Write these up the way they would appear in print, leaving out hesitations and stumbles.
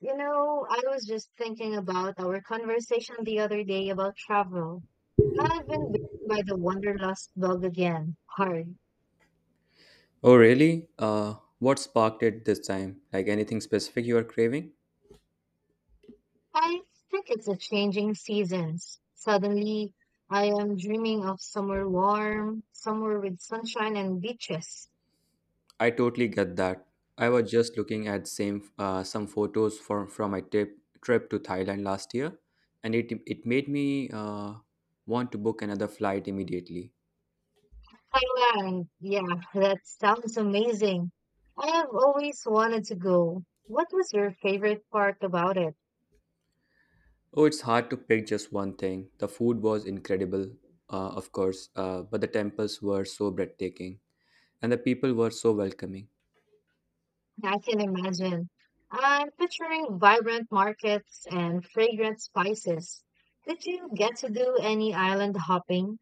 You know, I was just thinking about our conversation the other day about travel. I've been bitten by the wanderlust bug again, hard. Oh, really? What sparked it this time? Like anything specific you are craving? I think it's the changing seasons. Suddenly, I am dreaming of somewhere warm, somewhere with sunshine and beaches. I totally get that. I was just looking at same some photos from my trip to Thailand last year, and it made me want to book another flight immediately. Thailand, yeah, that sounds amazing. I have always wanted to go. What was your favorite part about it? Oh, it's hard to pick just one thing. The food was incredible, of course, but the temples were so breathtaking, and the people were so welcoming. I can imagine. I'm picturing vibrant markets and fragrant spices. Did you get to do any island hopping?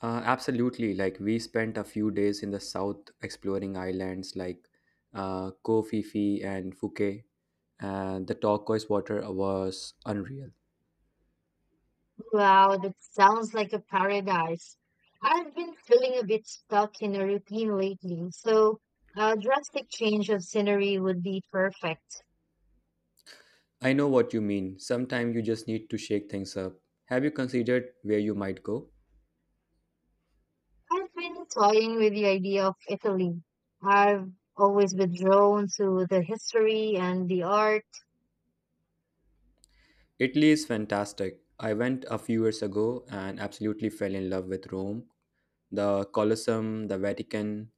Absolutely. Like we spent a few days in the south exploring islands like Koh Phi Phi and Phuket, and the turquoise water was unreal. Wow, that sounds like a paradise. I've been feeling a bit stuck in a routine lately, so a drastic change of scenery would be perfect. I know what you mean. Sometimes you just need to shake things up. Have you considered where you might go? I've been toying with the idea of Italy. I've always been drawn to the history and the art. Italy is fantastic. I went a few years ago and absolutely fell in love with Rome, the Colosseum, the Vatican.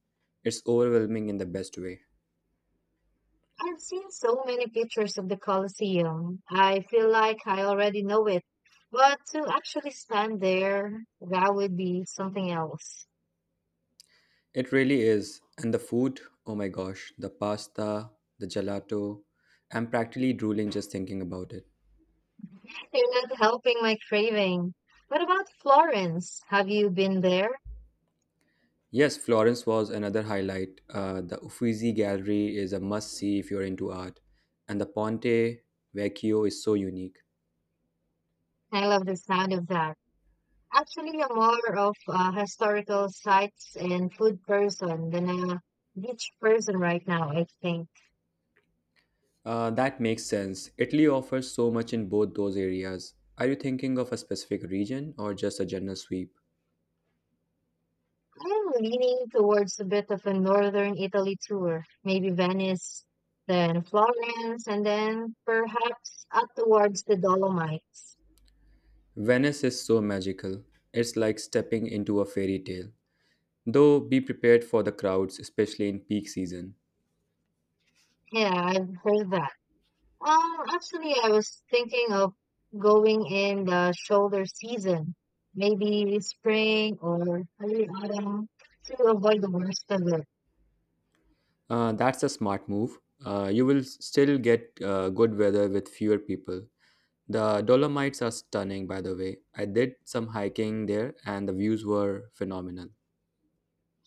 It's overwhelming in the best way. I've seen so many pictures of the Colosseum. I feel like I already know it. But to actually stand there, that would be something else. It really is. And the food, oh my gosh, the pasta, the gelato. I'm practically drooling just thinking about it. You're not helping my craving. What about Florence? Have you been there? Yes, Florence was another highlight. The Uffizi Gallery is a must see if you're into art. And the Ponte Vecchio is so unique. I love the sound of that. Actually, I'm more of a historical sites and food person than a beach person right now, I think. That makes sense. Italy offers so much in both those areas. Are you thinking of a specific region or just a general sweep? I'm leaning towards a bit of a northern Italy tour, maybe Venice, then Florence, and then perhaps up towards the Dolomites. Venice is so magical. It's like stepping into a fairy tale. Though be prepared for the crowds, especially in peak season. Yeah, I've heard that. Actually, I was thinking of going in the shoulder season, maybe spring or early autumn to avoid the worst of it. That's a smart move. You will still get good weather with fewer people. The Dolomites are stunning, by the way. I did some hiking there, and the views were phenomenal.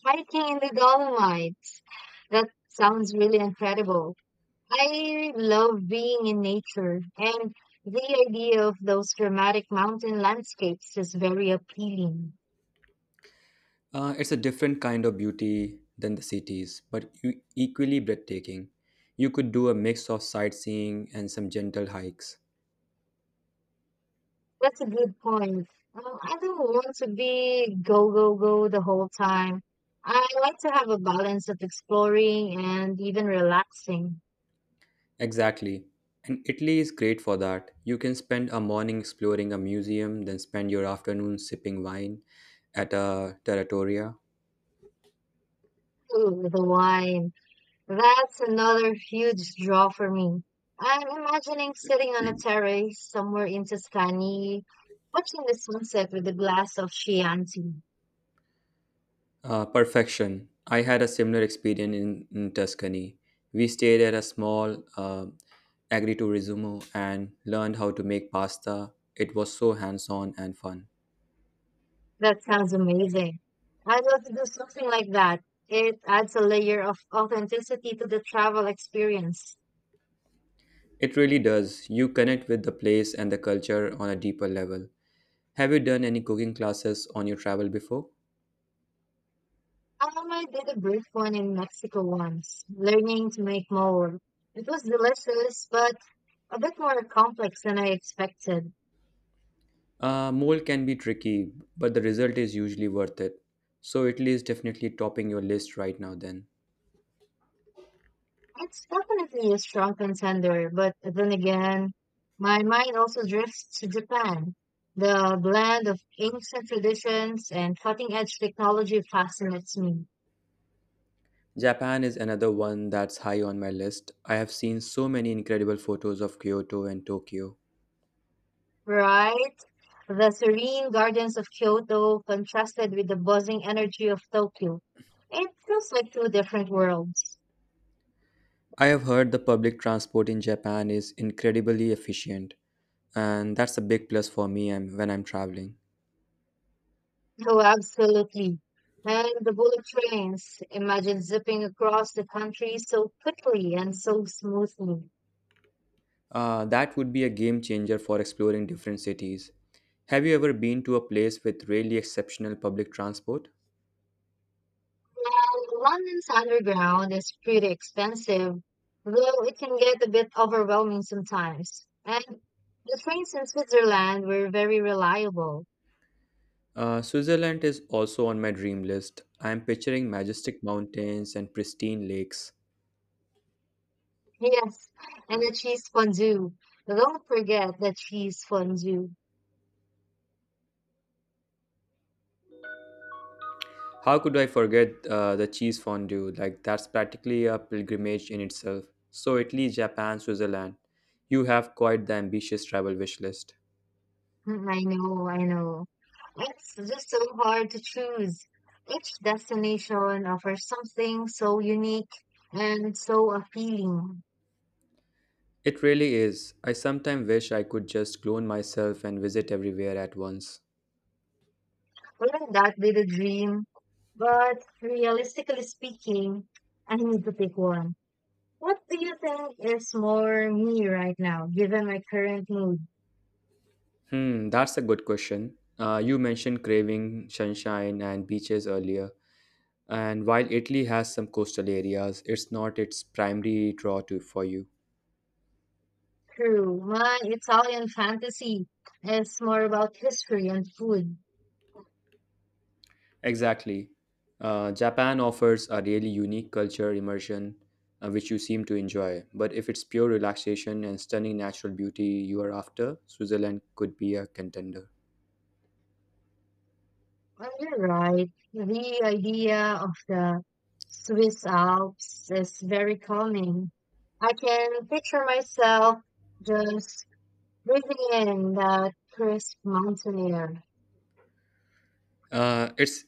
Hiking in the Dolomites. That sounds really incredible. I love being in nature, and the idea of those dramatic mountain landscapes is very appealing. It's a different kind of beauty than the cities, but equally breathtaking. You could do a mix of sightseeing and some gentle hikes. That's a good point. I don't want to be go, go, go the whole time. I like to have a balance of exploring and even relaxing. Exactly. And Italy is great for that. You can spend a morning exploring a museum, then spend your afternoon sipping wine at a territoria. Ooh, the wine. That's another huge draw for me. I'm imagining sitting on a terrace somewhere in Tuscany, watching the sunset with a glass of Chianti. Perfection. I had a similar experience in Tuscany. We stayed at a small agriturismo and learned how to make pasta. It was so hands on and fun. That sounds amazing. I'd love to do something like that. It adds a layer of authenticity to the travel experience. It really does. You connect with the place and the culture on a deeper level. Have you done any cooking classes on your travel before? I did a brief one in Mexico once, learning to make mole. It was delicious, but a bit more complex than I expected. Mole can be tricky, but the result is usually worth it. So Italy is definitely topping your list right now then. It's definitely a strong contender, but then again, my mind also drifts to Japan. The blend of ancient traditions and cutting edge technology fascinates me. Japan is another one that's high on my list. I have seen so many incredible photos of Kyoto and Tokyo. Right? The serene gardens of Kyoto contrasted with the buzzing energy of Tokyo. It feels like two different worlds. I have heard the public transport in Japan is incredibly efficient, and that's a big plus for me when I'm traveling. Oh, absolutely. And the bullet trains. Imagine zipping across the country so quickly and so smoothly. That would be a game changer for exploring different cities. Have you ever been to a place with really exceptional public transport? While London's underground is pretty expensive, though it can get a bit overwhelming sometimes. And the trains in Switzerland were very reliable. Switzerland is also on my dream list. I am picturing majestic mountains and pristine lakes. Yes, and the cheese fondue. Don't forget the cheese fondue. How could I forget the cheese fondue? Like, that's practically a pilgrimage in itself. So, Italy, Japan, Switzerland. You have quite the ambitious travel wish list. I know, I know. It's just so hard to choose. Each destination offers something so unique and so appealing. It really is. I sometimes wish I could just clone myself and visit everywhere at once. Wouldn't that be the dream? But realistically speaking, I need to pick one. What do you think is more me right now, given my current mood? Hmm, that's a good question. You mentioned craving sunshine and beaches earlier. And while Italy has some coastal areas, it's not its primary draw for you. True, my Italian fantasy is more about history and food. Exactly. Japan offers a really unique culture immersion, which you seem to enjoy. But if it's pure relaxation and stunning natural beauty you are after, Switzerland could be a contender. And you're right, the idea of the Swiss Alps is very calming. I can picture myself just breathing in that crisp mountain air. It's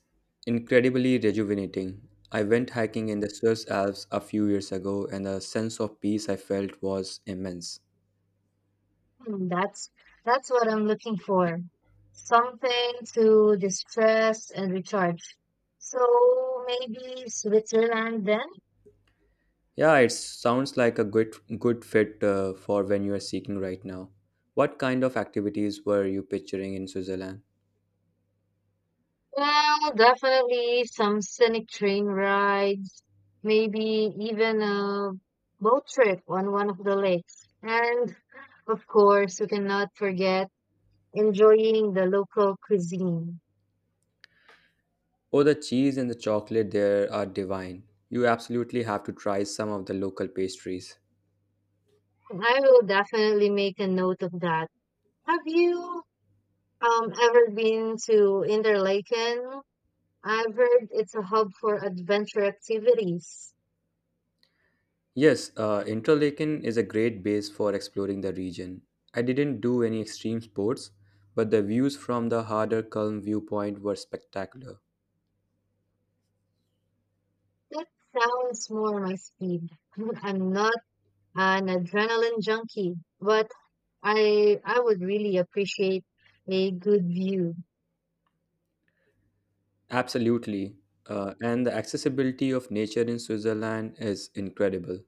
incredibly rejuvenating. I went hiking in the Swiss Alps a few years ago, and the sense of peace I felt was immense. Hmm, that's what I'm looking for. Something to distress and recharge. So maybe Switzerland then? Yeah, it sounds like a good fit for when you are seeking right now. What kind of activities were you picturing in Switzerland? Well, definitely some scenic train rides, maybe even a boat trip on one of the lakes. And of course, we cannot forget enjoying the local cuisine. Oh, the cheese and the chocolate there are divine. You absolutely have to try some of the local pastries. I will definitely make a note of that. Have you ever been to Interlaken? I've heard it's a hub for adventure activities. Yes, Interlaken is a great base for exploring the region. I didn't do any extreme sports, but the views from the harder Culm viewpoint were spectacular. That sounds more my speed. I'm not an adrenaline junkie, but I would really appreciate a good view. Absolutely. And the accessibility of nature in Switzerland is incredible.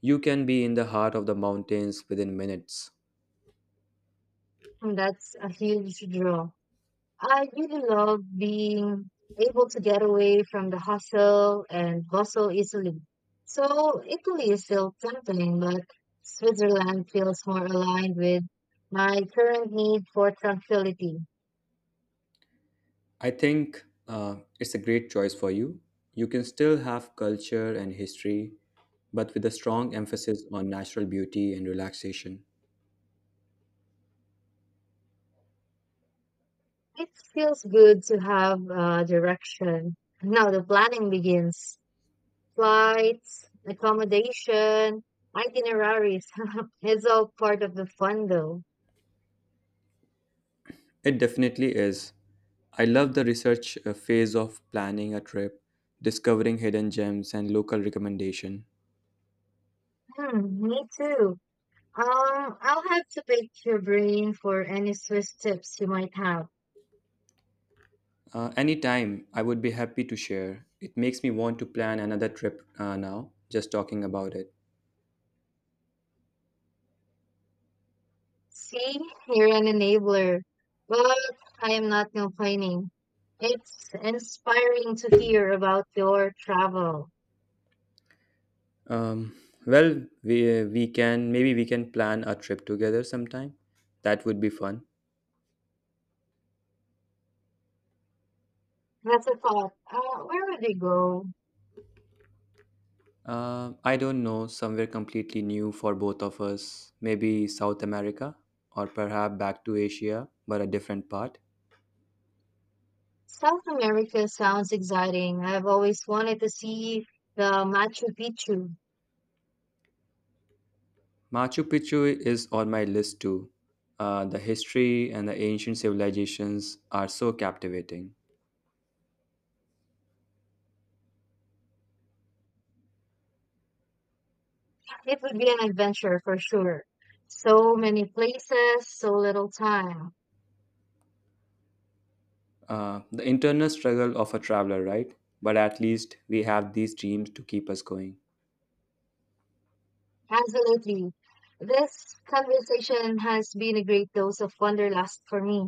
You can be in the heart of the mountains within minutes. And that's a huge draw. I really love being able to get away from the hustle and bustle easily. So Italy is still tempting, but Switzerland feels more aligned with my current need for tranquility. I think it's a great choice for you. You can still have culture and history, but with a strong emphasis on natural beauty and relaxation. It feels good to have direction. Now the planning begins. Flights, accommodation, itineraries. It's all part of the fun though. It definitely is. I love the research phase of planning a trip, discovering hidden gems and local recommendation. Hmm, me too. I'll have to pick your brain for any Swiss tips you might have. Anytime, I would be happy to share. It makes me want to plan another trip now, just talking about it. See, you're an enabler, but I am not complaining. It's inspiring to hear about your travel. Um, well, we can maybe we can plan a trip together sometime. That would be fun. That's a thought. Where would you go? I don't know, somewhere completely new for both of us. Maybe South America or perhaps back to Asia, but a different part. South America sounds exciting. I've always wanted to see the Machu Picchu. Machu Picchu is on my list too. The history and the ancient civilizations are so captivating. It would be an adventure for sure. So many places, so little time. The internal struggle of a traveler, right? But at least we have these dreams to keep us going. Absolutely. This conversation has been a great dose of wanderlust for me.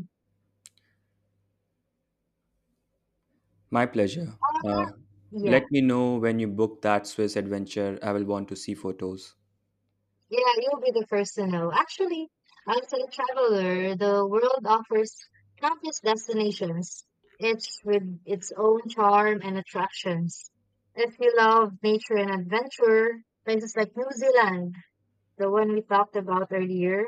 My pleasure. Oh, Uh, yeah, Let me know when you book that Swiss adventure. I will want to see photos. yeah, you'll be the first to know. Actually, as a traveler, the world offers countless destinations, each with its own charm and attractions. If you love nature and adventure, places like New Zealand, the one we talked about earlier,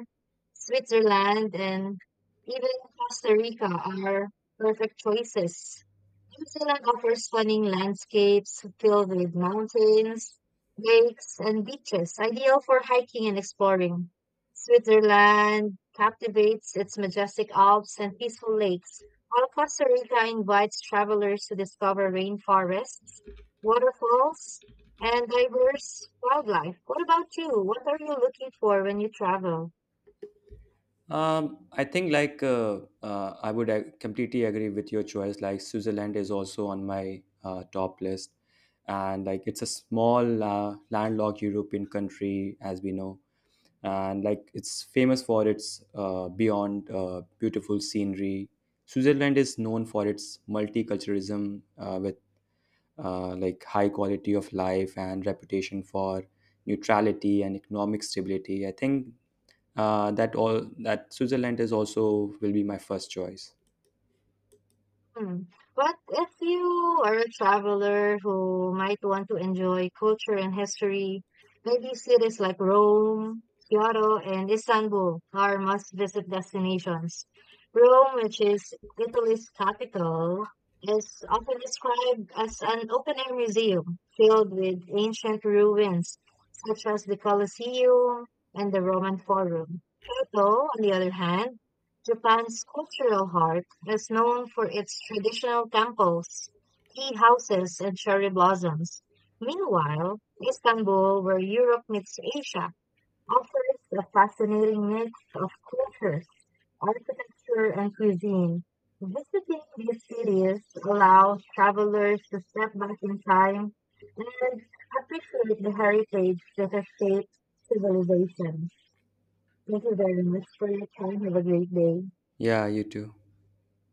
Switzerland, and even Costa Rica are perfect choices. New Zealand offers stunning landscapes filled with mountains, lakes, and beaches, ideal for hiking and exploring. Switzerland captivates its majestic Alps and peaceful lakes, while Costa Rica invites travelers to discover rainforests, waterfalls, and diverse wildlife. What about you? What are you looking for when you travel? I think like I would completely agree with your choice. Like Switzerland is also on my top list, and like it's a small landlocked European country, as we know, and like it's famous for its beyond beautiful scenery. Switzerland is known for its multiculturalism with like high quality of life and reputation for neutrality and economic stability. I think that Switzerland is also will be my first choice. Hmm. But if you are a traveler who might want to enjoy culture and history, maybe cities like Rome, Kyoto, and Istanbul are must-visit destinations. Rome, which is Italy's capital, is often described as an open-air museum filled with ancient ruins such as the Colosseum and the Roman Forum. Kyoto, on the other hand, Japan's cultural heart is known for its traditional temples, tea houses, and cherry blossoms. Meanwhile, Istanbul, where Europe meets Asia, offers a fascinating mix of cultures, architecture, and cuisine. Visiting these cities allows travelers to step back in time and appreciate the heritage that has shaped civilization. Thank you very much for your time. Have a great day. Yeah, you too.